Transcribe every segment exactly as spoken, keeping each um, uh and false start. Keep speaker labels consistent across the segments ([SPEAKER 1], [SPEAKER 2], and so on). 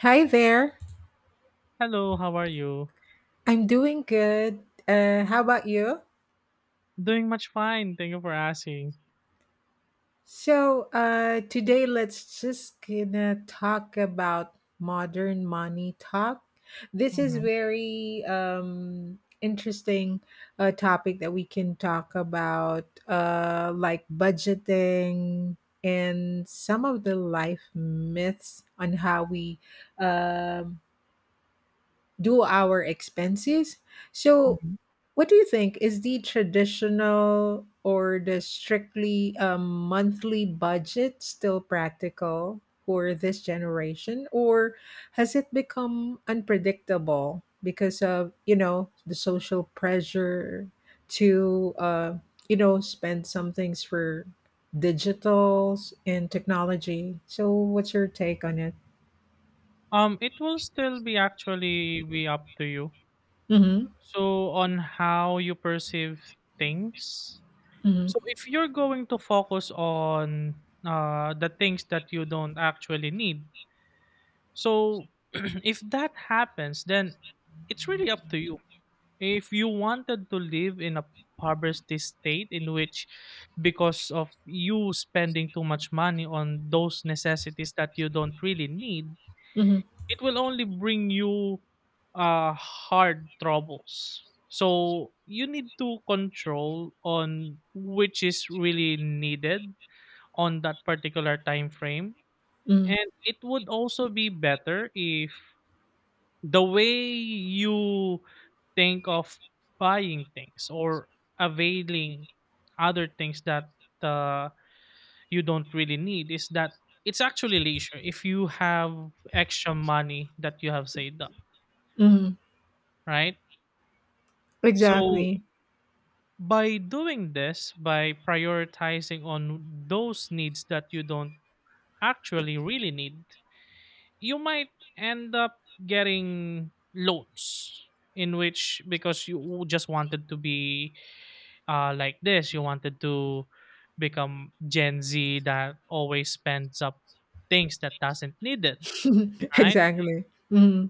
[SPEAKER 1] Hi there.
[SPEAKER 2] Hello, how are you?
[SPEAKER 1] I'm doing good. Uh, how about you?
[SPEAKER 2] Doing much fine. Thank you for asking.
[SPEAKER 1] So uh, today, let's just gonna talk about modern money talk. This is
[SPEAKER 2] Mhm,
[SPEAKER 1] very um, interesting uh, topic that we can talk about, uh, like budgeting and some of the life myths on how we um do our expenses. So,
[SPEAKER 2] mhm.
[SPEAKER 1] what do you think is the traditional or the strictly um, monthly budget still practical for this generation, or has it become unpredictable because of you know the social pressure to uh, you know spend some things for digitals and technology? So, what's your take on it?
[SPEAKER 2] Um, it will still be actually be up to you.
[SPEAKER 1] Mm-hmm,
[SPEAKER 2] So on how you perceive things.
[SPEAKER 1] mm-hmm,
[SPEAKER 2] So if you're going to focus on uh the things that you don't actually need. So if that happens, then it's really up to you. If you wanted to live in a poverty state in which because of you spending too much money on those necessities that you don't really need,
[SPEAKER 1] mm-hmm,
[SPEAKER 2] it will only bring you uh hard troubles. So you need to control on which is really needed on that particular time frame.
[SPEAKER 1] mm-hmm,
[SPEAKER 2] And it would also be better if the way you think of buying things or availing other things that uh, you don't really need is that it's actually leisure if you have extra money that you have saved up,
[SPEAKER 1] mm-hmm.
[SPEAKER 2] right? So
[SPEAKER 1] Exactly.
[SPEAKER 2] by doing this, by prioritizing on those needs that you don't actually really need, you might end up getting loans in which because you just wanted to be uh, like this. You wanted to become Gen Z that always spends up things that doesn't need it, right?
[SPEAKER 1] Exactly. Hmm.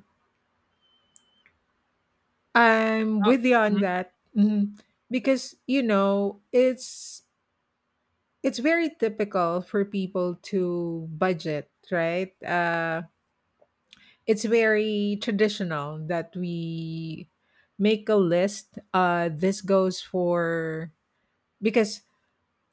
[SPEAKER 1] I'm
[SPEAKER 2] Oh,
[SPEAKER 1] with you on
[SPEAKER 2] mhm,
[SPEAKER 1] that. Hmm, because you know it's it's very typical for people to budget, right? Uh, it's very traditional that we make a list. Uh, this goes for because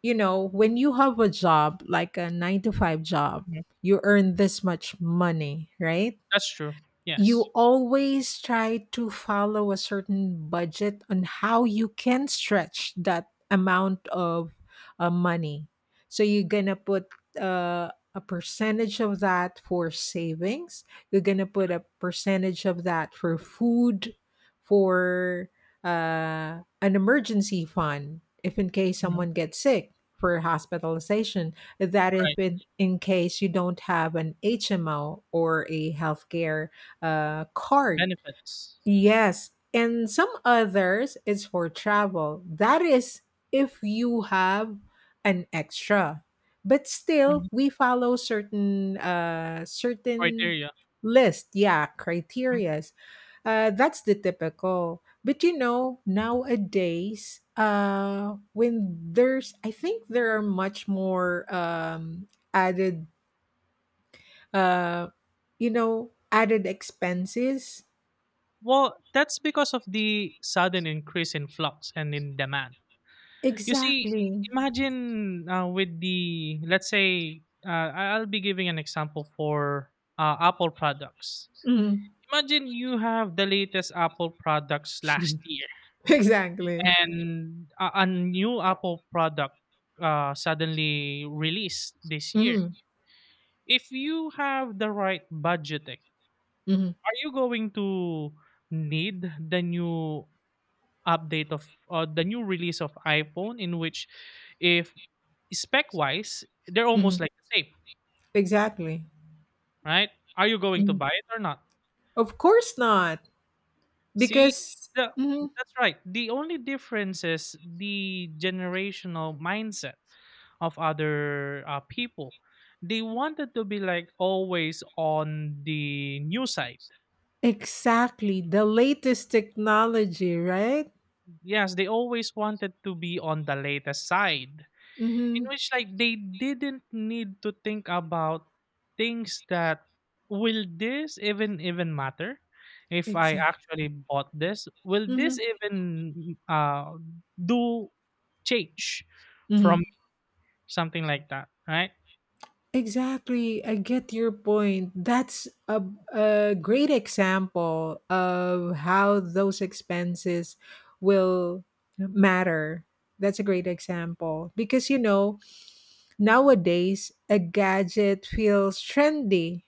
[SPEAKER 1] you know when you have a job like a nine to five job,
[SPEAKER 2] mhm.
[SPEAKER 1] you earn this much money, right?
[SPEAKER 2] That's true.
[SPEAKER 1] You
[SPEAKER 2] Yes.
[SPEAKER 1] always try to follow a certain budget on how you can stretch that amount of uh, money. So you're gonna put uh, a percentage of that for savings. You're gonna put a percentage of that for food, for uh, an emergency fund, if in case
[SPEAKER 2] Hmm.
[SPEAKER 1] someone gets sick for hospitalization that if
[SPEAKER 2] Right.
[SPEAKER 1] in, in case you don't have an H M O or a healthcare uh, card.
[SPEAKER 2] Benefits.
[SPEAKER 1] Yes, and some others is for travel. That is if you have an extra. But still,
[SPEAKER 2] Hmm.
[SPEAKER 1] we follow certain uh, certain
[SPEAKER 2] Criteria.
[SPEAKER 1] list, yeah,
[SPEAKER 2] Mhm.
[SPEAKER 1] criterias. Uh, that's the typical. But you know, nowadays, uh, when there's, I think there are much more um, added, uh, you know, added expenses.
[SPEAKER 2] Well, that's because of the sudden increase in flux and in demand. You see,
[SPEAKER 1] Exactly.
[SPEAKER 2] imagine uh, with the let's say uh, I- I'll be giving an example for uh, Apple products.
[SPEAKER 1] Mm.
[SPEAKER 2] Imagine you have the latest Apple products last year
[SPEAKER 1] Exactly.
[SPEAKER 2] and a, a new Apple product uh, suddenly released this year.
[SPEAKER 1] Mhm.
[SPEAKER 2] If you have the right budgeting,
[SPEAKER 1] Mhm.
[SPEAKER 2] are you going to need the new update of uh, the new release of iPhone in which if spec wise they're almost
[SPEAKER 1] Mhm.
[SPEAKER 2] like the same,
[SPEAKER 1] Exactly.
[SPEAKER 2] right? Are you going to
[SPEAKER 1] Mhm.
[SPEAKER 2] buy it or not?
[SPEAKER 1] Of course not,
[SPEAKER 2] See,
[SPEAKER 1] because
[SPEAKER 2] the
[SPEAKER 1] mhm
[SPEAKER 2] that's right. The only difference is the generational mindset of other uh, people. They wanted to be like always on the new side.
[SPEAKER 1] exactly the latest technology, right?
[SPEAKER 2] Yes, they always wanted to be on the latest side.
[SPEAKER 1] Mm-hmm.
[SPEAKER 2] In which, like, they didn't need to think about things that, will this even even matter, if I
[SPEAKER 1] Exactly.
[SPEAKER 2] actually bought this, will
[SPEAKER 1] Mm-hmm.
[SPEAKER 2] this even uh do change from
[SPEAKER 1] Mm-hmm.
[SPEAKER 2] something like that, right
[SPEAKER 1] Exactly. I get your point. That's a, a great example of how those expenses will matter. That's a great example because you know nowadays, a gadget feels trendy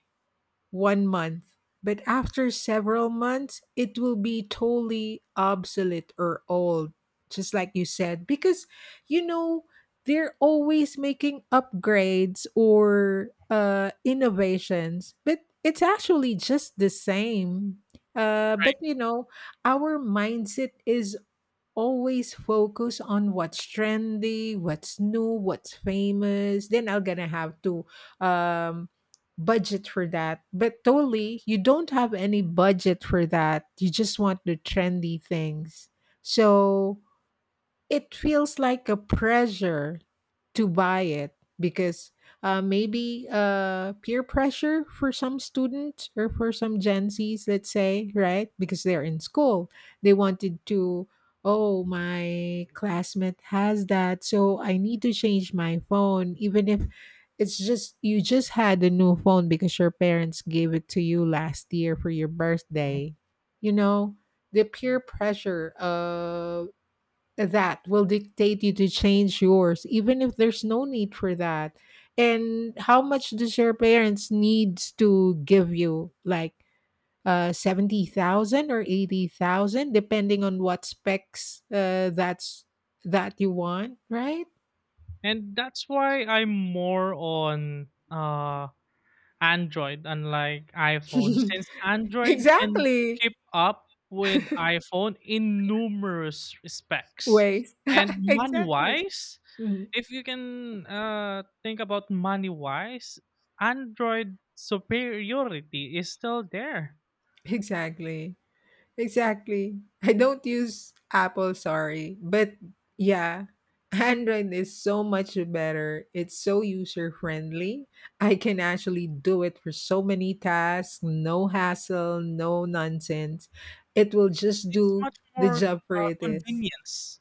[SPEAKER 1] one month, but after several months, it will be totally obsolete or old, just like you said, because you know they're always making upgrades or uh, innovations, but it's actually just the same. Uh,
[SPEAKER 2] right?
[SPEAKER 1] but you know, our mindset is always focus on what's trendy, what's new, what's famous. Then I'm gonna have to um, budget for that. But totally, you don't have any budget for that. You just want the trendy things. So it feels like a pressure to buy it because uh, maybe uh, peer pressure for some students or for some Gen Zs, let's say, right? Because they're in school, they wanted to, oh, my classmate has that, so I need to change my phone, even if it's just you just had a new phone because your parents gave it to you last year for your birthday. You know, the peer pressure of that will dictate you to change yours even if there's no need for that, and how much does your parents needs to give you like uh seventy thousand or eighty thousand depending on what specs uh, that's that you want, right?
[SPEAKER 2] And that's why I'm more on uh Android, unlike iPhone, since Android can
[SPEAKER 1] Exactly,
[SPEAKER 2] keep up with iPhone in numerous respects.
[SPEAKER 1] ways
[SPEAKER 2] And money
[SPEAKER 1] exactly.
[SPEAKER 2] wise,
[SPEAKER 1] Mhm
[SPEAKER 2] if you can uh, think about money wise, Android superiority is still there.
[SPEAKER 1] exactly. Exactly. I don't use Apple, sorry. But yeah, Android is so much better. It's so user friendly. I can actually do it for so many tasks, no hassle, no nonsense. It will just
[SPEAKER 2] It's
[SPEAKER 1] do
[SPEAKER 2] much
[SPEAKER 1] the
[SPEAKER 2] more
[SPEAKER 1] job for
[SPEAKER 2] uh,
[SPEAKER 1] it is.
[SPEAKER 2] convenience.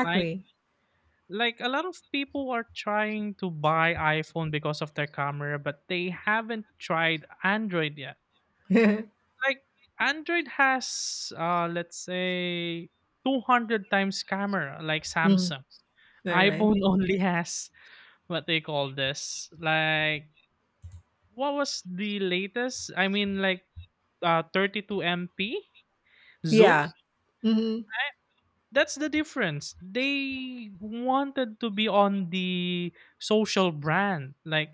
[SPEAKER 2] Like like a lot of people are trying to buy iPhone because of their camera, but they haven't tried Android yet. Like, Android has uh let's say two hundred times camera like
[SPEAKER 1] Mhm.
[SPEAKER 2] Samsung.
[SPEAKER 1] All right.
[SPEAKER 2] iPhone only has what they call this. Like, what was the latest? I mean like uh thirty-two M P zoom.
[SPEAKER 1] Yeah. Mhm.
[SPEAKER 2] That's the difference. They wanted to be on the social brand. Like,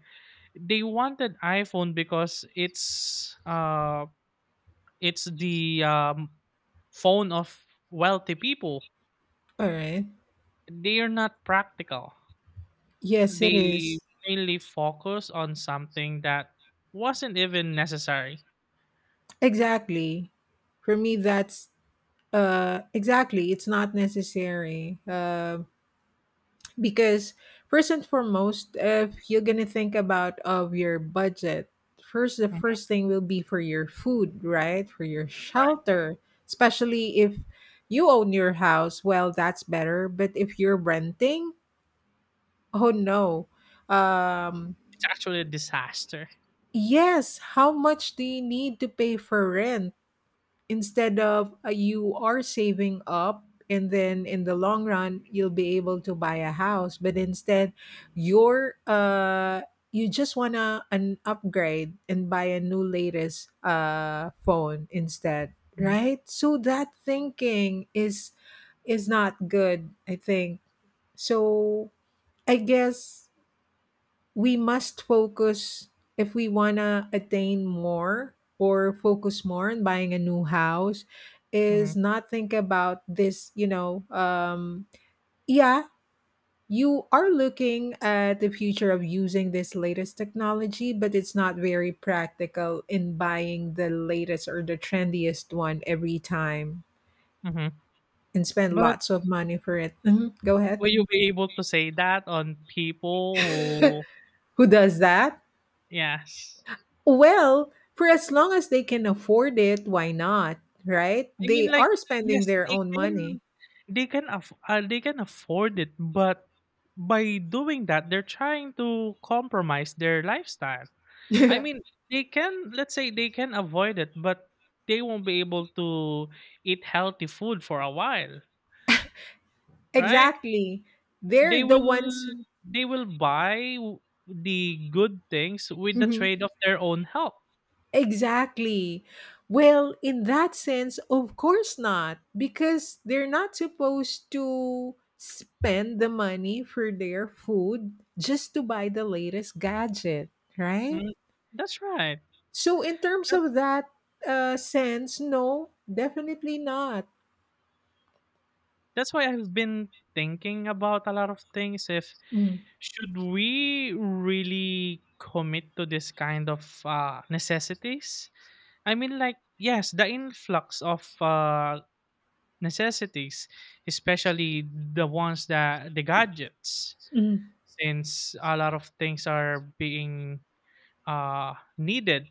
[SPEAKER 2] they wanted iPhone because it's uh it's the um phone of wealthy people.
[SPEAKER 1] All right.
[SPEAKER 2] They're not practical.
[SPEAKER 1] Yes, it is.
[SPEAKER 2] They mainly focus on something that wasn't even necessary.
[SPEAKER 1] Exactly. For me, that's Uh, exactly. It's not necessary. Uh, because first and foremost, if you're gonna think about of your budget, first the
[SPEAKER 2] Mhm.
[SPEAKER 1] first thing will be for your food, right? For your shelter, especially if you own your house. Well, that's better. But if you're renting, oh no. Um,
[SPEAKER 2] It's actually a disaster.
[SPEAKER 1] yes. How much do you need to pay for rent? Instead of uh, you are saving up, and then in the long run you'll be able to buy a house, but instead you're uh you just wanna an upgrade and buy a new latest uh phone instead,
[SPEAKER 2] Hmm.
[SPEAKER 1] right? So that thinking is is not good, I think. So I guess we must focus, if we want to attain more or focus more on buying a new house,
[SPEAKER 2] Hmm.
[SPEAKER 1] is not think about this, you know um yeah, you are looking at the future of using this latest technology, but it's not very practical in buying the latest or the trendiest one every time
[SPEAKER 2] Hmm.
[SPEAKER 1] and spend
[SPEAKER 2] But
[SPEAKER 1] lots of money for it. Mhm, go ahead.
[SPEAKER 2] will you be able to say that on people who?
[SPEAKER 1] Who does that?
[SPEAKER 2] Yes,
[SPEAKER 1] Well, for as long as they can afford it, why not? Right?
[SPEAKER 2] I mean,
[SPEAKER 1] They
[SPEAKER 2] like,
[SPEAKER 1] are spending
[SPEAKER 2] yes,
[SPEAKER 1] their
[SPEAKER 2] they
[SPEAKER 1] own
[SPEAKER 2] can,
[SPEAKER 1] money.
[SPEAKER 2] they can, aff- uh, they can afford it, but by doing that, they're trying to compromise their lifestyle. I mean, they can, let's say they can avoid it, but they won't be able to eat healthy food for a while, right?
[SPEAKER 1] Exactly. They're
[SPEAKER 2] They
[SPEAKER 1] the ones.
[SPEAKER 2] will they will buy w- the good things with the
[SPEAKER 1] Mhm
[SPEAKER 2] trade of their own health.
[SPEAKER 1] exactly. Well, in that sense, of course not, because they're not supposed to spend the money for their food just to buy the latest gadget, right?
[SPEAKER 2] Mm, that's right.
[SPEAKER 1] So, in terms
[SPEAKER 2] That-
[SPEAKER 1] of that uh, sense, no, definitely not.
[SPEAKER 2] That's why I've been thinking about a lot of things, if
[SPEAKER 1] Mm.
[SPEAKER 2] should we really commit to this kind of uh, necessities? I mean like, yes, the influx of uh, necessities, especially the ones that the gadgets, since a lot of things are being uh, needed.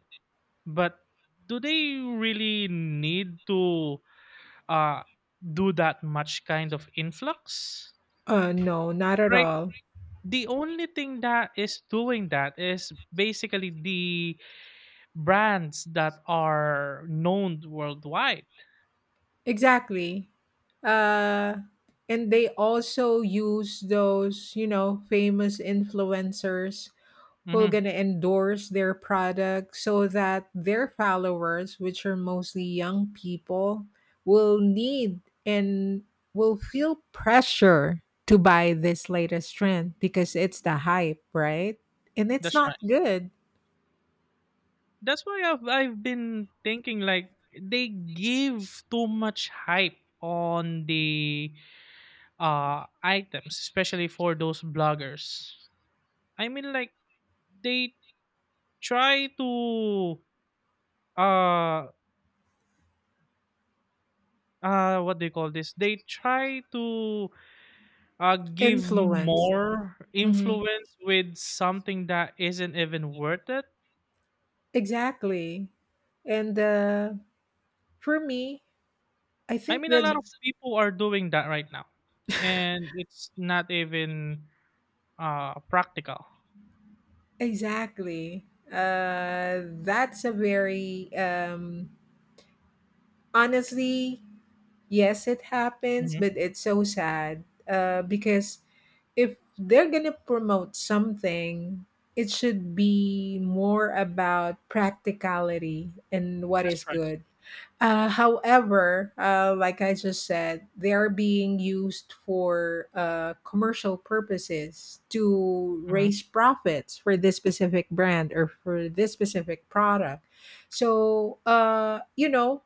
[SPEAKER 2] But do they really need to uh, do that much kind of influx?
[SPEAKER 1] Uh, no, not at
[SPEAKER 2] Right.
[SPEAKER 1] all.
[SPEAKER 2] The only thing that is doing that is basically the brands that are known worldwide.
[SPEAKER 1] Exactly. Uh, and they also use those, you know, famous influencers who are
[SPEAKER 2] Hmm.
[SPEAKER 1] going to endorse their product so that their followers, which are mostly young people, will need and will feel pressure to buy this latest trend because it's the hype, right? And it's
[SPEAKER 2] That's
[SPEAKER 1] not
[SPEAKER 2] right.
[SPEAKER 1] good.
[SPEAKER 2] That's why I've I've been thinking like they give too much hype on the uh items, especially for those bloggers. I mean like they try to uh uh what do you call this? They try to uh give
[SPEAKER 1] Influence.
[SPEAKER 2] more
[SPEAKER 1] Mhm.
[SPEAKER 2] influence with something that isn't even worth it.
[SPEAKER 1] Exactly. And uh, for me, I
[SPEAKER 2] I
[SPEAKER 1] think
[SPEAKER 2] mean a
[SPEAKER 1] that
[SPEAKER 2] lot of people are doing that right now. And it's not even uh practical.
[SPEAKER 1] exactly. Uh, that's a very um, honestly yes, it happens,
[SPEAKER 2] Mhm.
[SPEAKER 1] but it's so sad uh, because if they're gonna promote something, it should be more about practicality and what is
[SPEAKER 2] That's right.
[SPEAKER 1] good. Uh, however, uh, like I just said, they are being used for uh, commercial purposes to
[SPEAKER 2] Mhm.
[SPEAKER 1] raise profits for this specific brand or for this specific product. So, uh, you know,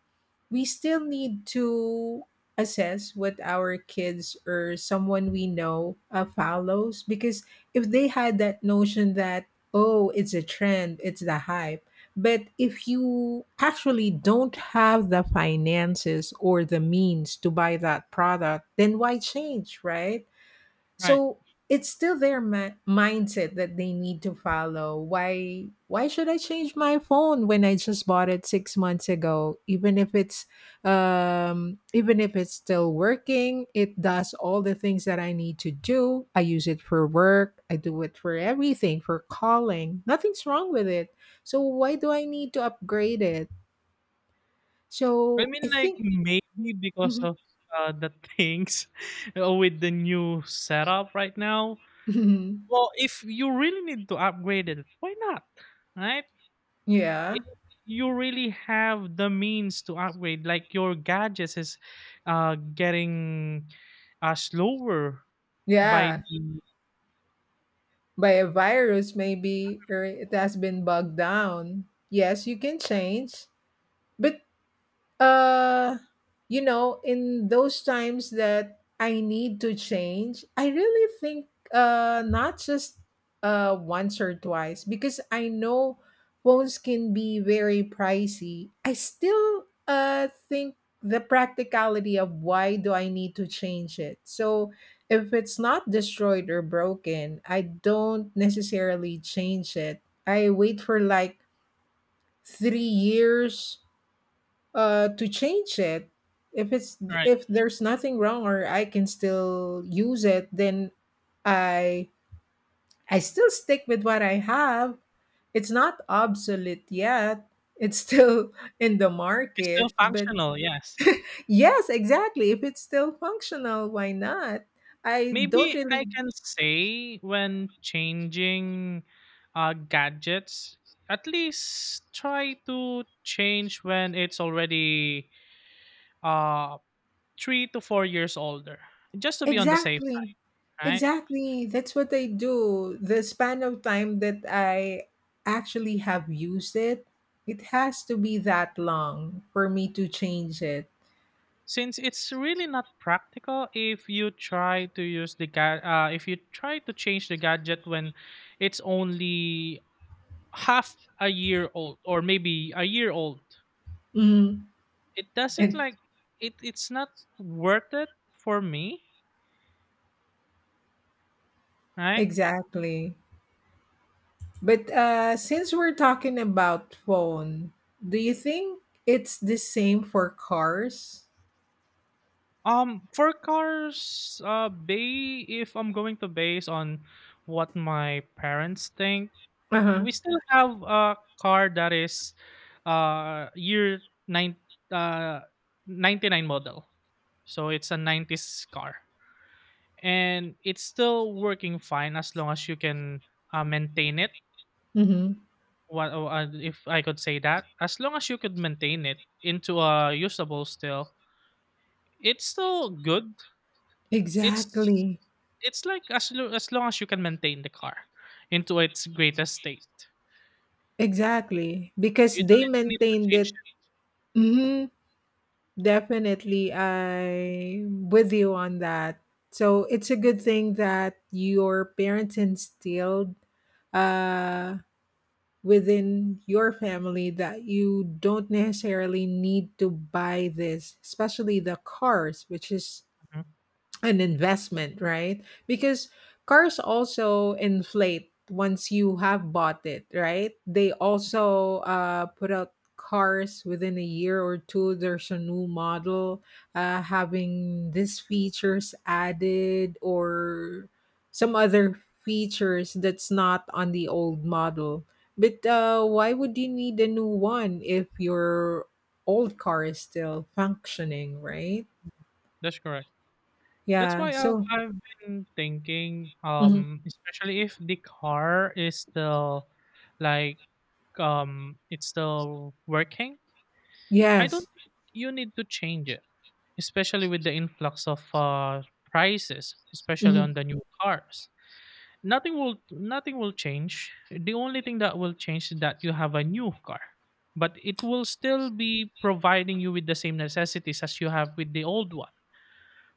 [SPEAKER 1] we still need to assess what our kids or someone we know uh, follows because if they had that notion that oh it's a trend, it's the hype, but if you actually don't have the finances or the means to buy that product, then why change, right?
[SPEAKER 2] Right.
[SPEAKER 1] So it's still their mi- mindset that they need to follow. Why why should I change my phone when I just bought it six months ago? Even if it's um even if it's still working, it does all the things that I need to do. I use it for work, I do it for everything, for calling. Nothing's wrong with it. So why do I need to upgrade it?
[SPEAKER 2] I
[SPEAKER 1] So I
[SPEAKER 2] mean, like,
[SPEAKER 1] think
[SPEAKER 2] maybe because of, uh, the things uh, with the new setup right now. Well, if you really need to upgrade it, why not? Right?
[SPEAKER 1] yeah.
[SPEAKER 2] If you really have the means to upgrade, like your gadgets is uh, getting uh, slower by
[SPEAKER 1] Yeah,
[SPEAKER 2] the,
[SPEAKER 1] by a virus maybe or it has been bogged down, yes, you can change, but uh, you know, in those times that I need to change, I really think uh not just uh once or twice, because I know phones can be very pricey. I still uh think the practicality of why do I need to change it. So if it's not destroyed or broken, I don't necessarily change it. I wait for like three years uh to change it if it's,
[SPEAKER 2] right.
[SPEAKER 1] if there's nothing wrong or I can still use it, then i I still stick with what I have. It's not obsolete yet, it's still in the
[SPEAKER 2] It's still
[SPEAKER 1] market, but
[SPEAKER 2] functional, yes.
[SPEAKER 1] yes, exactly, if it's still functional, why not? I don't
[SPEAKER 2] Maybe I
[SPEAKER 1] really.
[SPEAKER 2] can say when changing uh, gadgets, at least try to change when it's already uh, three to four years older, just to be on the safe side,
[SPEAKER 1] Exactly.
[SPEAKER 2] right?
[SPEAKER 1] Exactly. That's what I do. The span of time that I actually have used it, it has to be that long for me to change it.
[SPEAKER 2] Since it's really not practical if you try to use the ga- uh, if you try to change the gadget when it's only half a year old or maybe a year old,
[SPEAKER 1] Mm,
[SPEAKER 2] it doesn't
[SPEAKER 1] and
[SPEAKER 2] like it it's not worth it for me, right.
[SPEAKER 1] exactly. But uh, since we're talking about phone, do you think it's the same for cars?
[SPEAKER 2] Um for cars, uh bay if I'm going to base on what my parents think,
[SPEAKER 1] Uh-huh.
[SPEAKER 2] we still have a car that is uh year nine uh ninety-nine model, so it's a nineties car, and it's still working fine as long as you can uh, maintain it.
[SPEAKER 1] Mm-hmm.
[SPEAKER 2] What oh, uh, if I could say that, as long as you could maintain it into a usable still, it's still good. It's
[SPEAKER 1] Exactly.
[SPEAKER 2] it's like as lo- as long as you can maintain the car into its greatest state,
[SPEAKER 1] Exactly. Because
[SPEAKER 2] you
[SPEAKER 1] they
[SPEAKER 2] don't need to
[SPEAKER 1] maintained
[SPEAKER 2] change
[SPEAKER 1] it. Mhm. Definitely, I'm with you on that. So it's a good thing that your parents instilled uh, within your family that you don't necessarily need to buy this, especially the cars, which is
[SPEAKER 2] it. Mhm.
[SPEAKER 1] an investment, right? Because cars also inflate once you have bought it, right? They also uh, put out cars within a year or two. There's a new model uh, having these features added or some other features that's not on the old model. But uh, why would you need a new one if your old car is still functioning, right?
[SPEAKER 2] That's correct. That's
[SPEAKER 1] Yeah.
[SPEAKER 2] why um,
[SPEAKER 1] So.
[SPEAKER 2] I've been thinking,
[SPEAKER 1] Mhm.
[SPEAKER 2] um, especially if the car is still, like, um it's still working. I
[SPEAKER 1] Yes.
[SPEAKER 2] don't think you need to change it, especially with the influx of uh, prices, especially
[SPEAKER 1] Mhm,
[SPEAKER 2] on the new cars. Nothing will nothing will change. The only thing that will change is that you have a new car, but it will still be providing you with the same necessities as you have with the old one.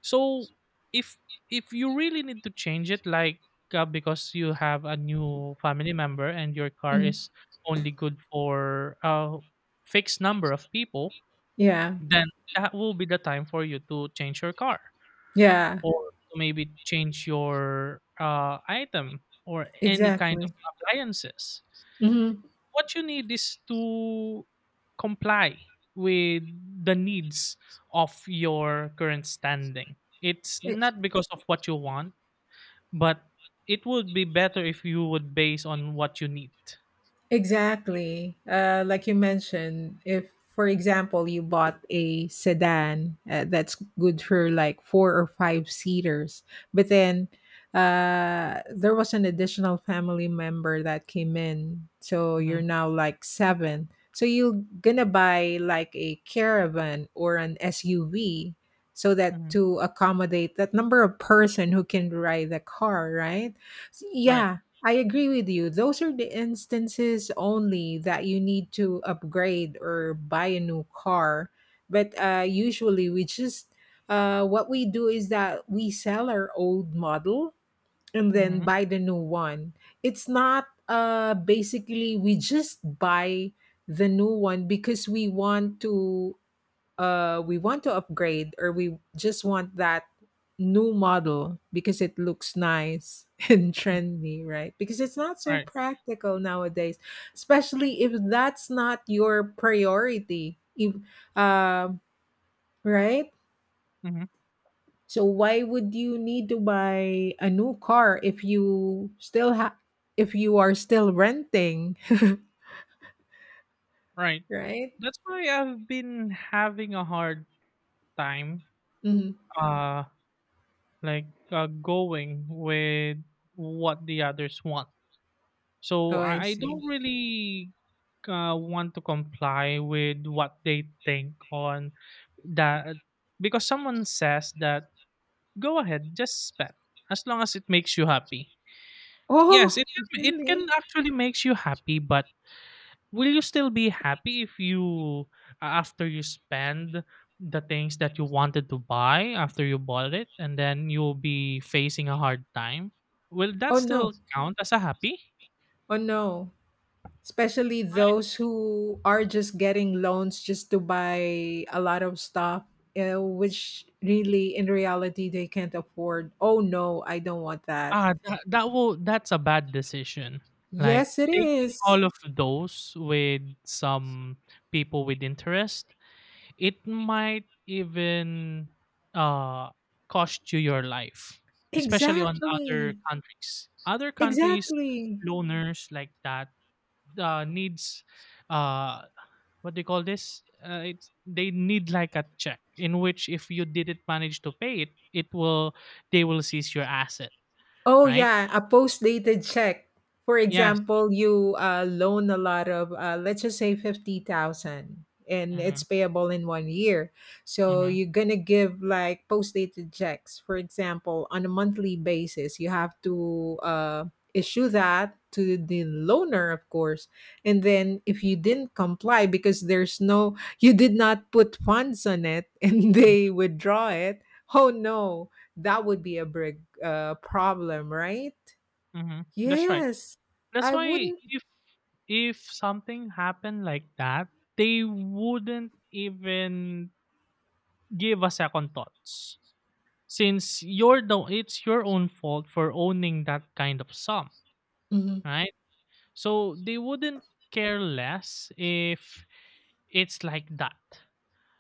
[SPEAKER 2] So if if you really need to change it, like uh, because you have a new family member and your car
[SPEAKER 1] mhm.
[SPEAKER 2] is only good for a fixed number of people,
[SPEAKER 1] Yeah.
[SPEAKER 2] then that will be the time for you to change your car,
[SPEAKER 1] Yeah,
[SPEAKER 2] or to maybe change your uh, item or any kind of
[SPEAKER 1] exactly.
[SPEAKER 2] appliances.
[SPEAKER 1] Mhm.
[SPEAKER 2] What you need is to comply with the needs of your current standing. It's
[SPEAKER 1] I
[SPEAKER 2] not because of what you want, but it would be better if you would base on what you need.
[SPEAKER 1] exactly. Uh, like you mentioned, if, for example, you bought a sedan uh, that's good for like four or five seaters, but then uh, there was an additional family member that came in. So
[SPEAKER 2] hmm
[SPEAKER 1] you're now like seven. So you're going to buy like a caravan or an S U V so that
[SPEAKER 2] hmm
[SPEAKER 1] to accommodate that number of person who can ride the car, right? So,
[SPEAKER 2] Right.
[SPEAKER 1] yeah, I agree with you. Those are the instances only that you need to upgrade or buy a new car. But uh, usually, we just uh, what we do is that we sell our old model and then
[SPEAKER 2] hmm
[SPEAKER 1] buy the new one. It's not, uh, basically we just buy the new one because we want to uh we want to upgrade, or we just want that new model because it looks nice and trendy, right? Because it's not so
[SPEAKER 2] Right.
[SPEAKER 1] practical nowadays, especially if that's not your priority, if um right.
[SPEAKER 2] hmm
[SPEAKER 1] So why would you need to buy a new car if you still have if you are still renting?
[SPEAKER 2] Right.
[SPEAKER 1] Right.
[SPEAKER 2] That's why I've been having a hard time.
[SPEAKER 1] Mhm.
[SPEAKER 2] Uh like, uh, going with what the others want. So
[SPEAKER 1] Oh, I
[SPEAKER 2] I, I
[SPEAKER 1] see.
[SPEAKER 2] don't really uh, want to comply with what they think on that, because someone says that, go ahead, just spend as long as it makes you happy. Yes,
[SPEAKER 1] Oh,
[SPEAKER 2] it can, it can
[SPEAKER 1] really?
[SPEAKER 2] actually makes you happy, but will you still be happy if you, after you spend the things that you wanted to buy, after you bought it, and then you'll be facing a hard time, will that
[SPEAKER 1] Oh no.
[SPEAKER 2] still count as a happy.
[SPEAKER 1] Oh no. Especially those who are just getting loans just to buy a lot of stuff, uh, which really in reality they can't afford. Oh no, I don't want that.
[SPEAKER 2] Ah that, that will that's a bad decision. Like
[SPEAKER 1] Yes, it
[SPEAKER 2] taking
[SPEAKER 1] is.
[SPEAKER 2] all of those with some people with interest, it might even uh, cost you your life, especially on other
[SPEAKER 1] Exactly.
[SPEAKER 2] countries. Other countries,
[SPEAKER 1] Exactly.
[SPEAKER 2] loaners like that uh, needs uh, what do you call this? Uh, it's They need like a check in which if you didn't manage to pay it, it will they will seize your asset,
[SPEAKER 1] Oh
[SPEAKER 2] right?
[SPEAKER 1] yeah, a post-dated check. For
[SPEAKER 2] Yes.
[SPEAKER 1] example, you, uh, loan a lot of, uh, let's just say fifty thousand, and it's
[SPEAKER 2] Mm-hmm,
[SPEAKER 1] payable in one year. So
[SPEAKER 2] mm-hmm,
[SPEAKER 1] you're gonna give like post-dated checks. For example, on a monthly basis, you have to, uh, issue that to the loaner, of course. And then if you didn't comply because there's no, you did not put funds on it, and
[SPEAKER 2] mm-hmm.
[SPEAKER 1] they withdraw it. Oh no! That would be a big, uh, problem, right?
[SPEAKER 2] Mm-hmm. That's right.
[SPEAKER 1] Yes.
[SPEAKER 2] That's
[SPEAKER 1] I
[SPEAKER 2] why
[SPEAKER 1] wouldn't.
[SPEAKER 2] if if something happened like that, they wouldn't even give a second thoughts. Since you're the it's your own fault for owning that kind of sum,
[SPEAKER 1] Mhm,
[SPEAKER 2] right? So they wouldn't care less if it's like that.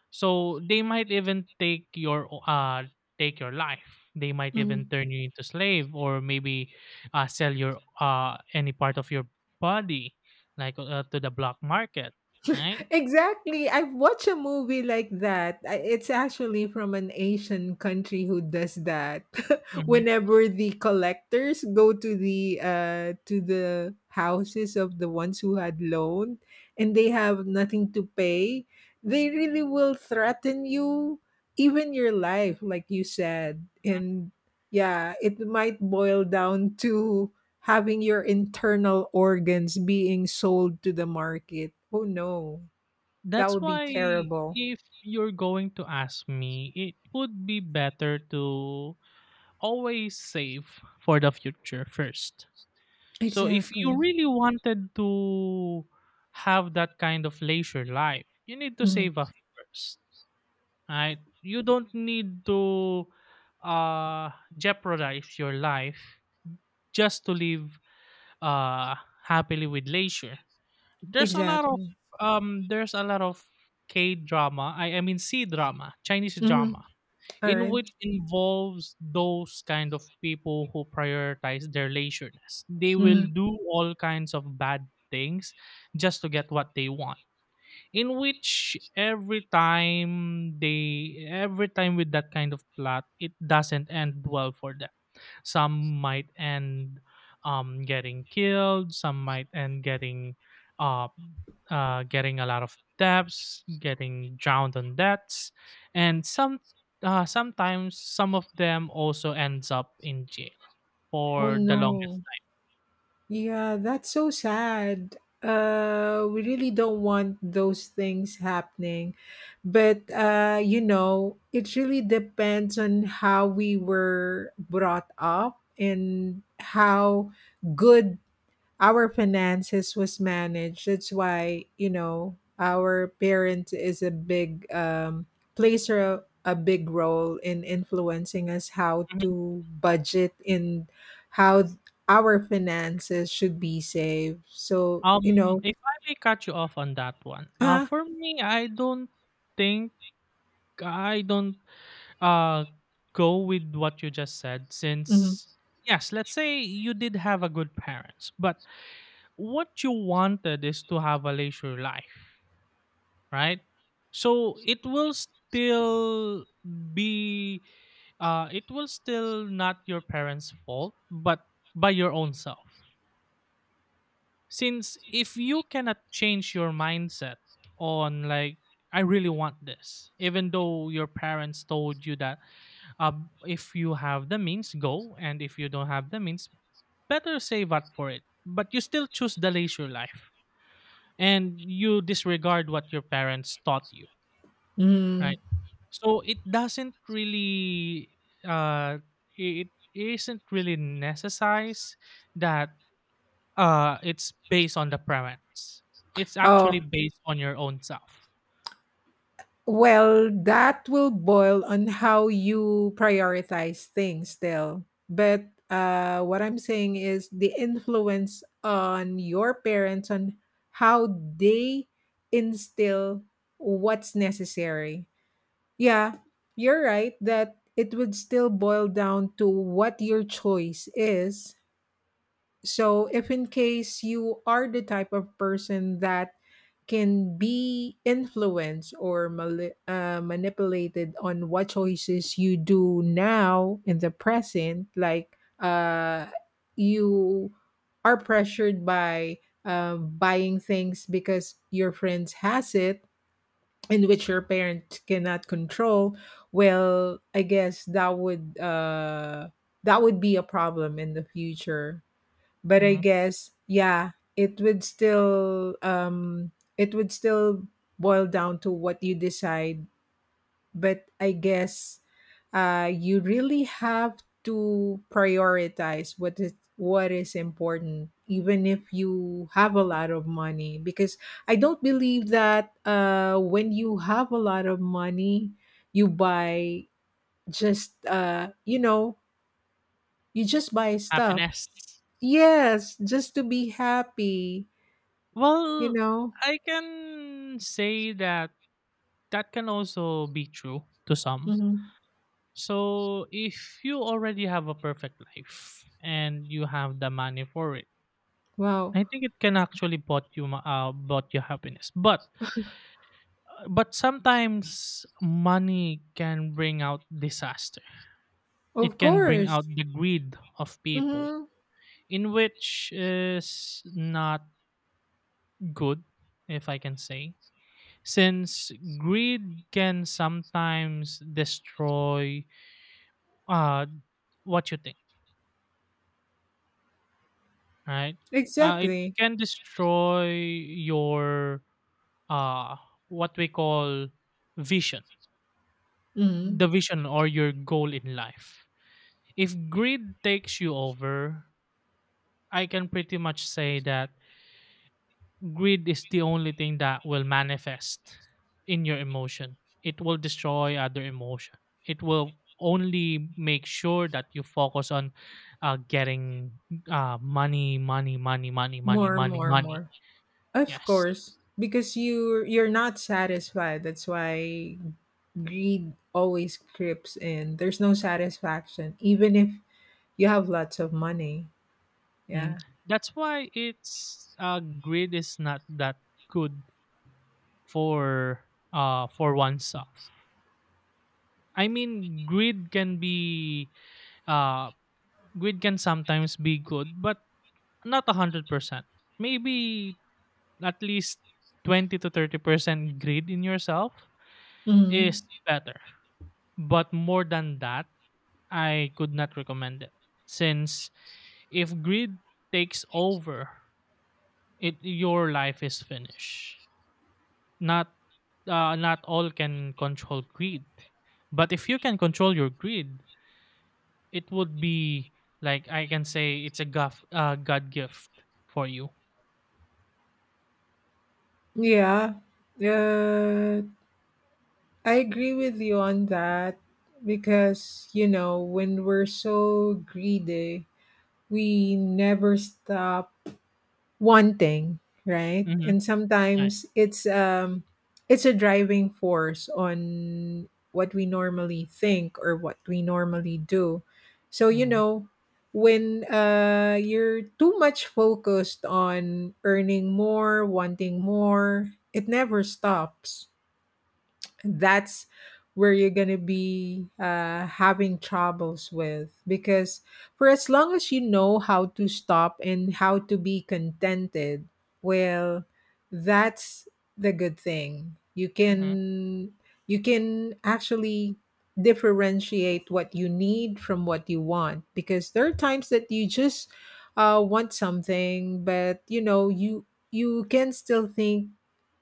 [SPEAKER 2] So they might even take your o- uh take your life. They might even
[SPEAKER 1] mhm.
[SPEAKER 2] turn you into slave or maybe uh, sell your uh any part of your body, like uh, to the black market, right?
[SPEAKER 1] Exactly. I've watched a movie like that. I- It's actually from an Asian country who does that.
[SPEAKER 2] Mhm.
[SPEAKER 1] Whenever the collectors go to the uh to the houses of the ones who had loaned and they have nothing to pay, they really will threaten you, even your life, like you said. And yeah, it might boil down to having your internal organs being sold to the market. Oh no. That
[SPEAKER 2] That's
[SPEAKER 1] would be
[SPEAKER 2] why
[SPEAKER 1] terrible.
[SPEAKER 2] if you're going to ask me, it would be better to always save for the future first. So if you
[SPEAKER 1] Exactly.
[SPEAKER 2] really wanted to have that kind of leisure life, you need to
[SPEAKER 1] Mhm.
[SPEAKER 2] save up first. Right? You don't need to uh, jeopardize your life just to live uh, happily with leisure. There's a lot of
[SPEAKER 1] Exactly.
[SPEAKER 2] um, there's a lot of K drama. I, I mean C drama, Chinese
[SPEAKER 1] Mhm.
[SPEAKER 2] drama,
[SPEAKER 1] All
[SPEAKER 2] in
[SPEAKER 1] right.
[SPEAKER 2] which involves those kind of people who prioritize their leisureness. They will
[SPEAKER 1] Mhm.
[SPEAKER 2] do all kinds of bad things just to get what they want, in which every time they every time with that kind of plot it doesn't end well for them. Some might end um getting killed, some might end getting uh, uh getting a lot of debts, getting drowned on debts. And some, uh, sometimes some of them also ends up in jail
[SPEAKER 1] Oh
[SPEAKER 2] for the
[SPEAKER 1] no.
[SPEAKER 2] longest
[SPEAKER 1] Yeah, that's so sad. Uh, we really don't want those things happening, but uh, you know, it really depends on how we were brought up and how good our finances was managed. That's why, you know, our parent is a big, um plays a, a big role in influencing us how
[SPEAKER 2] time. Mhm.
[SPEAKER 1] to budget in how th- our finances should be saved. So, you
[SPEAKER 2] um
[SPEAKER 1] know,
[SPEAKER 2] if I may cut you off on that one, uh
[SPEAKER 1] uh,
[SPEAKER 2] for me, i don't think I don't uh go with what you just said.
[SPEAKER 1] mm,
[SPEAKER 2] Since, yes, let's say you did have a good parents, but what you wanted is to have a leisure life, right? So it will still be uh it will still not your parents' fault, but by your own self. Since if you cannot change your mindset on, like, I really want this, even though your parents told you that, uh, if you have the means go, and if you don't have the means better save up for it, but you still choose the leisure life and you disregard what your parents taught you,
[SPEAKER 1] mm,
[SPEAKER 2] right? So it doesn't really uh it isn't really necessary that uh it's based on the parents, it's
[SPEAKER 1] oh.
[SPEAKER 2] actually based on your own self.
[SPEAKER 1] Well, that will boil on how you prioritize things still. But uh, what I'm saying is the influence on your parents on how they instill what's necessary. Yeah, you're right that it would still boil down to what your choice is. So, if in case you are the type of person that can be influenced or mali- uh, manipulated on what choices you do now in the present, like, uh, you are pressured by, uh, buying things because your friends has it, in which your parent cannot control. Well, I guess that would uh that would be a problem in the future. But I
[SPEAKER 2] Mhm.
[SPEAKER 1] guess, yeah, it would still um it would still boil down to what you decide. But I guess, uh you really have to prioritize what is what is important, even if you have a lot of money, because I don't believe that, uh when you have a lot of money, you buy just, uh you know, you just buy stuff.
[SPEAKER 2] Happiness.
[SPEAKER 1] Yes, just to be happy. You
[SPEAKER 2] Well,
[SPEAKER 1] know?
[SPEAKER 2] I can say that that can also be true to some.
[SPEAKER 1] Mhm.
[SPEAKER 2] So, if you already have a perfect life and you have the money for it,
[SPEAKER 1] Wow.
[SPEAKER 2] I think it can actually bought you ma- uh, bought you happiness. But But sometimes money can bring out disaster. It
[SPEAKER 1] Of
[SPEAKER 2] can bring
[SPEAKER 1] course.
[SPEAKER 2] out the greed of people,
[SPEAKER 1] Mhm.
[SPEAKER 2] in which is not good, if I can say. Since greed can sometimes destroy uh, what you think, right? Uh, it
[SPEAKER 1] Exactly.
[SPEAKER 2] can destroy your uh, what we call vision, the
[SPEAKER 1] Mhm.
[SPEAKER 2] vision or your goal in life. If greed takes you over, I can pretty much say that greed is the only thing that will manifest in your emotion. It will destroy other emotion. It will only make sure that you focus on uh, getting uh, money, money, money, money, money,
[SPEAKER 1] More,
[SPEAKER 2] money,
[SPEAKER 1] more,
[SPEAKER 2] money.
[SPEAKER 1] more. Of
[SPEAKER 2] Yes.
[SPEAKER 1] course, because you you're not satisfied. That's why greed always creeps in. There's no satisfaction, even if you have lots of money.
[SPEAKER 2] Mm.
[SPEAKER 1] Yeah.
[SPEAKER 2] That's why it's uh, greed is not that good for, uh, for oneself. I mean, greed can be uh, greed can sometimes be good, but not a hundred percent. Maybe at least twenty to thirty percent greed in yourself
[SPEAKER 1] Hmm.
[SPEAKER 2] is better. But more than that, I could not recommend it. Since if greed takes over, it your life is finished. Not, uh, not all can control greed. But if you can control your greed, it would be, like, I can say it's a gof- uh, God gift for you.
[SPEAKER 1] Yeah. Uh, I agree with you on that, because you know, when we're so greedy, we never stop one thing, right?
[SPEAKER 2] Mm-hmm.
[SPEAKER 1] And
[SPEAKER 2] Right.
[SPEAKER 1] sometimes it's um it's a driving force on what we normally think or what we normally do. So you
[SPEAKER 2] Mm-hmm.
[SPEAKER 1] know, when, uh you're too much focused on earning more, wanting more, it never stops. That's where you're going to be, uh, having troubles with, because for as long as you know how to stop and how to be contented, well, that's the good thing. you
[SPEAKER 2] Mm-hmm.
[SPEAKER 1] can you can actually differentiate what you need from what you want, because there are times that you just, uh, want something, but you know, you you can still think,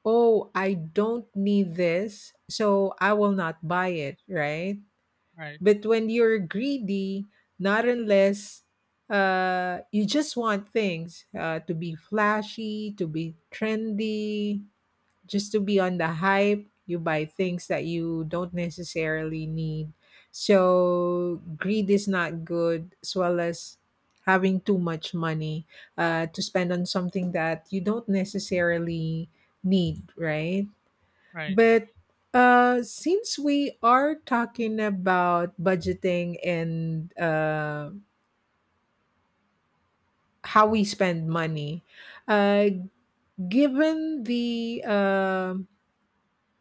[SPEAKER 1] oh, I don't need this, so I will not buy it, right?
[SPEAKER 2] Right.
[SPEAKER 1] But when you're greedy, not unless, uh, you just want things, uh, to be flashy, to be trendy, just to be on the hype, you buy things that you don't necessarily need. So, greed is not good, as well as having too much money, uh, to spend on something that you don't necessarily need, right?
[SPEAKER 2] Right.
[SPEAKER 1] But, uh, since we are talking about budgeting and, uh, how we spend money, uh, given the, uh,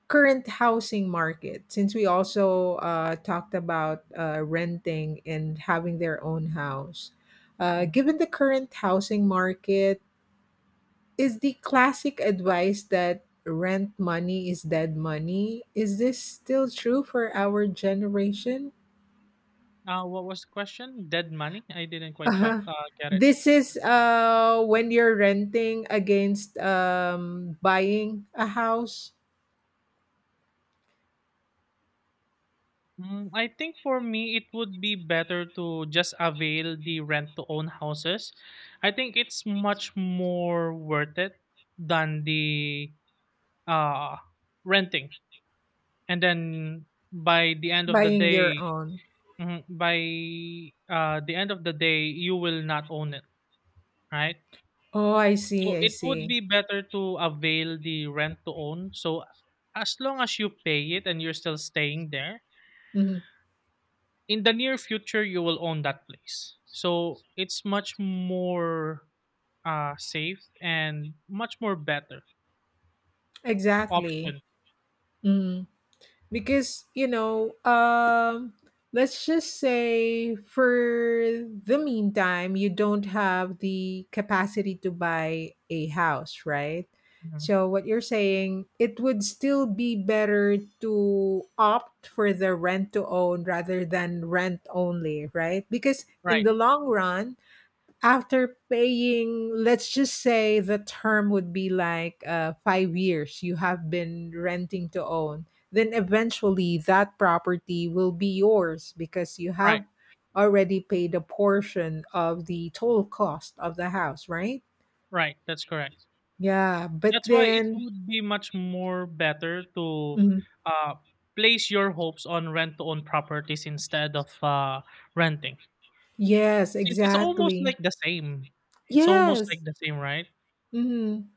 [SPEAKER 1] current housing market, since we also, uh, talked about, uh, renting and having their own house, uh,
[SPEAKER 2] Mm-hmm.
[SPEAKER 1] given the current housing market, is the classic advice that rent money is dead money? Is this still true for our generation?
[SPEAKER 2] Uh, what was the question? Dead money? I didn't quite qua-
[SPEAKER 1] Uh-huh.
[SPEAKER 2] uh, get it.
[SPEAKER 1] This is, uh when you're renting against, um buying a house.
[SPEAKER 2] Mm, I think for me, it would be better to just avail the rent to own houses. I think it's much more worth it than the uh, renting. And then by the end of the
[SPEAKER 1] Buying your
[SPEAKER 2] day,
[SPEAKER 1] own.
[SPEAKER 2] mhm, by uh, the end of the day, you will not own it, right?
[SPEAKER 1] Oh, I see,
[SPEAKER 2] So
[SPEAKER 1] I
[SPEAKER 2] it would
[SPEAKER 1] see.
[SPEAKER 2] be better to avail the rent to own. So as long as you pay it and you're still staying there,
[SPEAKER 1] Mhm.
[SPEAKER 2] in the near future you will own that place, so it's much more uh safe and much more better
[SPEAKER 1] Exactly.
[SPEAKER 2] option.
[SPEAKER 1] Mhm. Because you know, um let's just say for the meantime you don't have the capacity to buy a house, right?
[SPEAKER 2] Mhm.
[SPEAKER 1] So what you're saying, it would still be better to opt for the rent to own rather than rent only, right? Because in
[SPEAKER 2] Right,
[SPEAKER 1] the long run, after paying, let's just say the term would be like, uh, five years, you have been renting to own, then eventually that property will be yours because you
[SPEAKER 2] right,
[SPEAKER 1] have already paid a portion of the total cost of the house, right?
[SPEAKER 2] right, that's correct.
[SPEAKER 1] Yeah, but
[SPEAKER 2] That's why it
[SPEAKER 1] then.
[SPEAKER 2] would be much more better to
[SPEAKER 1] Mhm.
[SPEAKER 2] uh place your hopes on rent to own properties instead of uh renting,
[SPEAKER 1] Yes,
[SPEAKER 2] since it's almost
[SPEAKER 1] exactly.
[SPEAKER 2] like the same, it's almost
[SPEAKER 1] Yes.
[SPEAKER 2] like the same, right?
[SPEAKER 1] Hmm.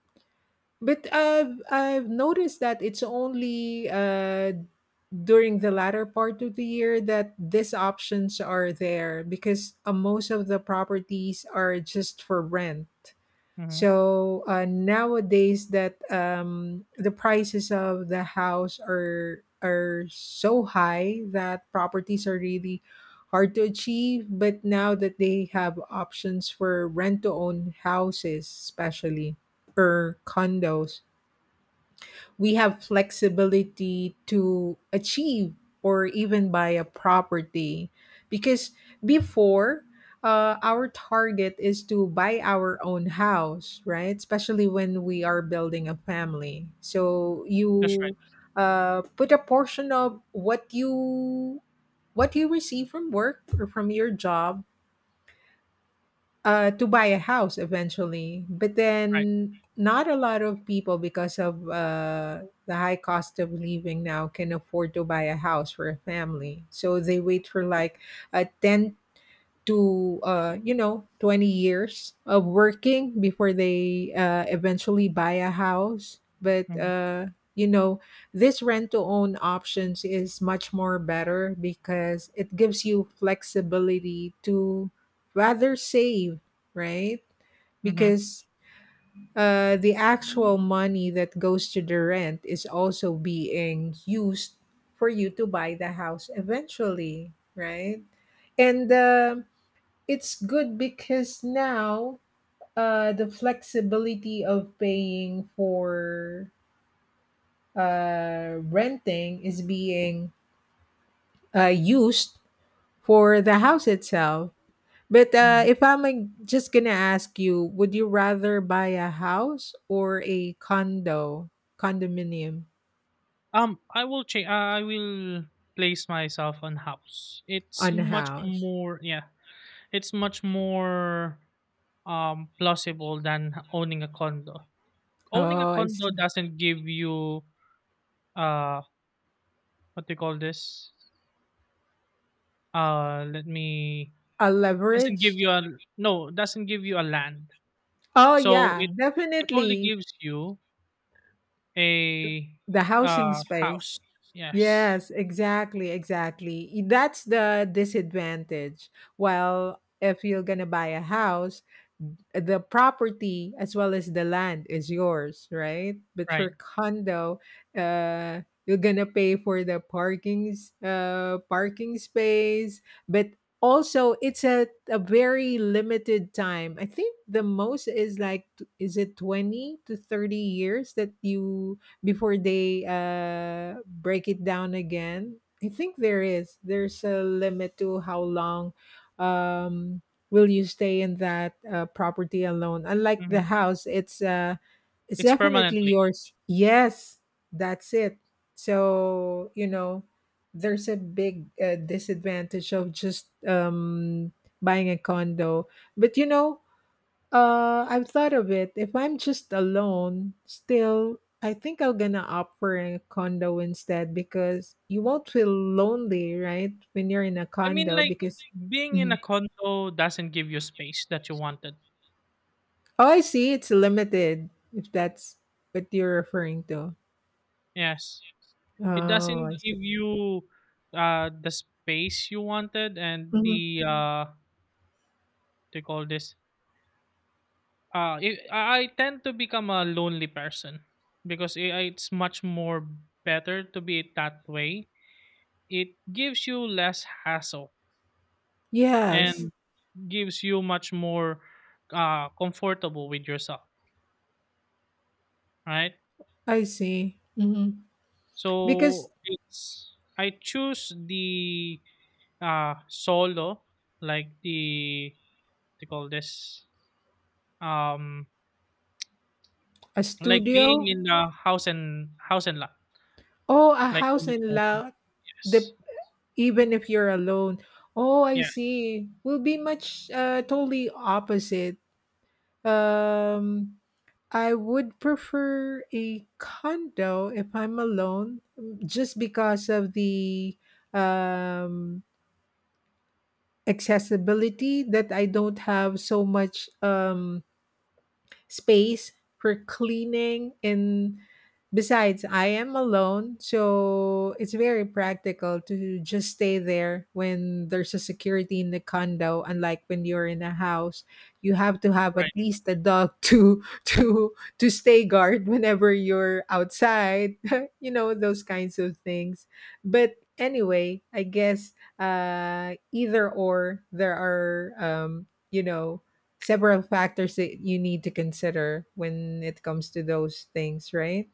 [SPEAKER 1] But i've i've noticed that it's only, uh during the latter part of the year that these options are there, because, uh, most of the properties are just for rent.
[SPEAKER 2] Hmm.
[SPEAKER 1] So, uh, nowadays that, um, the prices of the house are are so high that properties are really hard to achieve. But now that they have options for rent to own houses, especially, or condos, we have flexibility to achieve or even buy a property, because before, uh, our target is to buy our own house, right, especially when we are building a family, so
[SPEAKER 2] That's right.
[SPEAKER 1] you, uh, put a portion of what you what you receive from work or from your job, uh, to buy a house eventually. But
[SPEAKER 2] Right.
[SPEAKER 1] then not a lot of people, because of, uh, the high cost of living now, can afford to buy a house for a family. So they wait for like a ten to, uh, you know, twenty years of working before they, uh, eventually buy a house, but,
[SPEAKER 2] Hmm.
[SPEAKER 1] uh, you know, this rent to own options is much more better because it gives you flexibility to rather save, right? Because, uh, the actual money that goes to the rent is also being used for you to buy the house eventually, right? And, um it's good because now, uh, the flexibility of paying for, uh, renting is being, uh, used for the house itself. But, uh,
[SPEAKER 2] Hmm.
[SPEAKER 1] if I'm like, just gonna ask you, would you rather buy a house or a condo, condominium,
[SPEAKER 2] Um, I will change. I will place myself on house. It's
[SPEAKER 1] on a
[SPEAKER 2] much
[SPEAKER 1] house?
[SPEAKER 2] more. Yeah, it's much more, um, plausible than owning a condo. Owning a
[SPEAKER 1] Oh, I
[SPEAKER 2] condo
[SPEAKER 1] see.
[SPEAKER 2] doesn't give you uh what do you call this? Uh, let me
[SPEAKER 1] A
[SPEAKER 2] doesn't give
[SPEAKER 1] leverage?
[SPEAKER 2] you a no doesn't give you a land.
[SPEAKER 1] Oh,
[SPEAKER 2] So
[SPEAKER 1] yeah,
[SPEAKER 2] it it only
[SPEAKER 1] definitely.
[SPEAKER 2] gives you a
[SPEAKER 1] The housing
[SPEAKER 2] uh
[SPEAKER 1] space.
[SPEAKER 2] house. Yes,
[SPEAKER 1] Yes, exactly, exactly. I- that's the disadvantage. Well, if you're gonna buy a house, the property as well as the land is yours, right? But for
[SPEAKER 2] right.
[SPEAKER 1] condo, uh you're gonna pay for the parkings, uh parking space, but also it's a, a very limited time. I think the most is like, t- is it twenty to thirty years that you, before they, uh, break it down again. I think there is. There's a limit to how long, um, will you stay in that, uh, property alone. Unlike the
[SPEAKER 2] Mhm.
[SPEAKER 1] house, it's uh, it's
[SPEAKER 2] It's
[SPEAKER 1] definitely
[SPEAKER 2] permanently.
[SPEAKER 1] yours. Yes, that's it. So you know, there's a big, uh, disadvantage of just, um, buying a condo. But you know, uh, I've thought of it. If I'm just alone, still, I think I'm gonna opt for a condo instead, because you won't feel lonely, right? When you're in a
[SPEAKER 2] I mean,
[SPEAKER 1] condo,
[SPEAKER 2] like.
[SPEAKER 1] because.
[SPEAKER 2] Being in
[SPEAKER 1] Mhm.
[SPEAKER 2] a condo doesn't give you space that you wanted.
[SPEAKER 1] Oh, I see, it's limited. If that's what you're referring to,
[SPEAKER 2] Yes. It
[SPEAKER 1] oh,
[SPEAKER 2] doesn't
[SPEAKER 1] I see.
[SPEAKER 2] give you uh the space you wanted and
[SPEAKER 1] Mhm.
[SPEAKER 2] the uh they call this uh it, I I tend to become a lonely person because i I- it's much more better to be that way. It gives you less hassle
[SPEAKER 1] Yes,
[SPEAKER 2] and gives you much more uh comfortable with yourself, right?
[SPEAKER 1] I see. Mhm. Because,
[SPEAKER 2] So it's I choose the uh solo, like the they call this, um,
[SPEAKER 1] a
[SPEAKER 2] like being
[SPEAKER 1] studio,
[SPEAKER 2] in the house and house and lot,
[SPEAKER 1] oh, a
[SPEAKER 2] like
[SPEAKER 1] house
[SPEAKER 2] owning a
[SPEAKER 1] and
[SPEAKER 2] house and
[SPEAKER 1] lot, the,
[SPEAKER 2] yes.
[SPEAKER 1] even if you're alone. Oh, I
[SPEAKER 2] Yes,
[SPEAKER 1] see. Will be much, uh, totally opposite. Um, I would prefer a condo if I'm alone, mm, just because of the, um, accessibility that I don't have so much, Um, space for cleaning, and besides, I am alone, so it's very practical to just stay there when there's a security in the condo, unlike when you're in a house, you have to have at
[SPEAKER 2] right.
[SPEAKER 1] least a dog to to to stay guard whenever you're outside. You know, those kinds of things. But anyway, I guess, uh either or, there are, um you know, several factors that you need to consider when it comes to those things, right?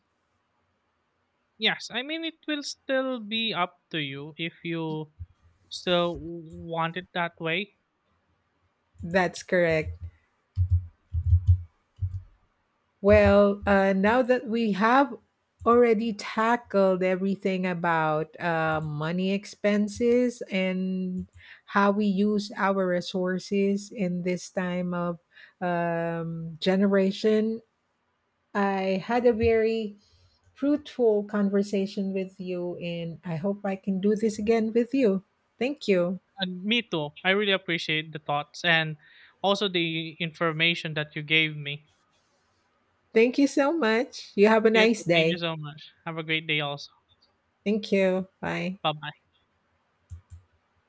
[SPEAKER 2] Yes, I mean, it will still be up to you if you still want it that way.
[SPEAKER 1] That's correct. Well, uh, now that we have already tackled everything about, uh, money expenses and how we use our resources in this time of, um, generation, I had a very fruitful conversation with you, and I hope I can do this again with you. Thank you.
[SPEAKER 2] And me too, I really appreciate the thoughts and also the information that you gave me.
[SPEAKER 1] Thank you so much. You have a
[SPEAKER 2] You
[SPEAKER 1] nice
[SPEAKER 2] too, thank you
[SPEAKER 1] day.
[SPEAKER 2] so much, have a great day also.
[SPEAKER 1] Thank you. Bye.
[SPEAKER 2] Bye bye.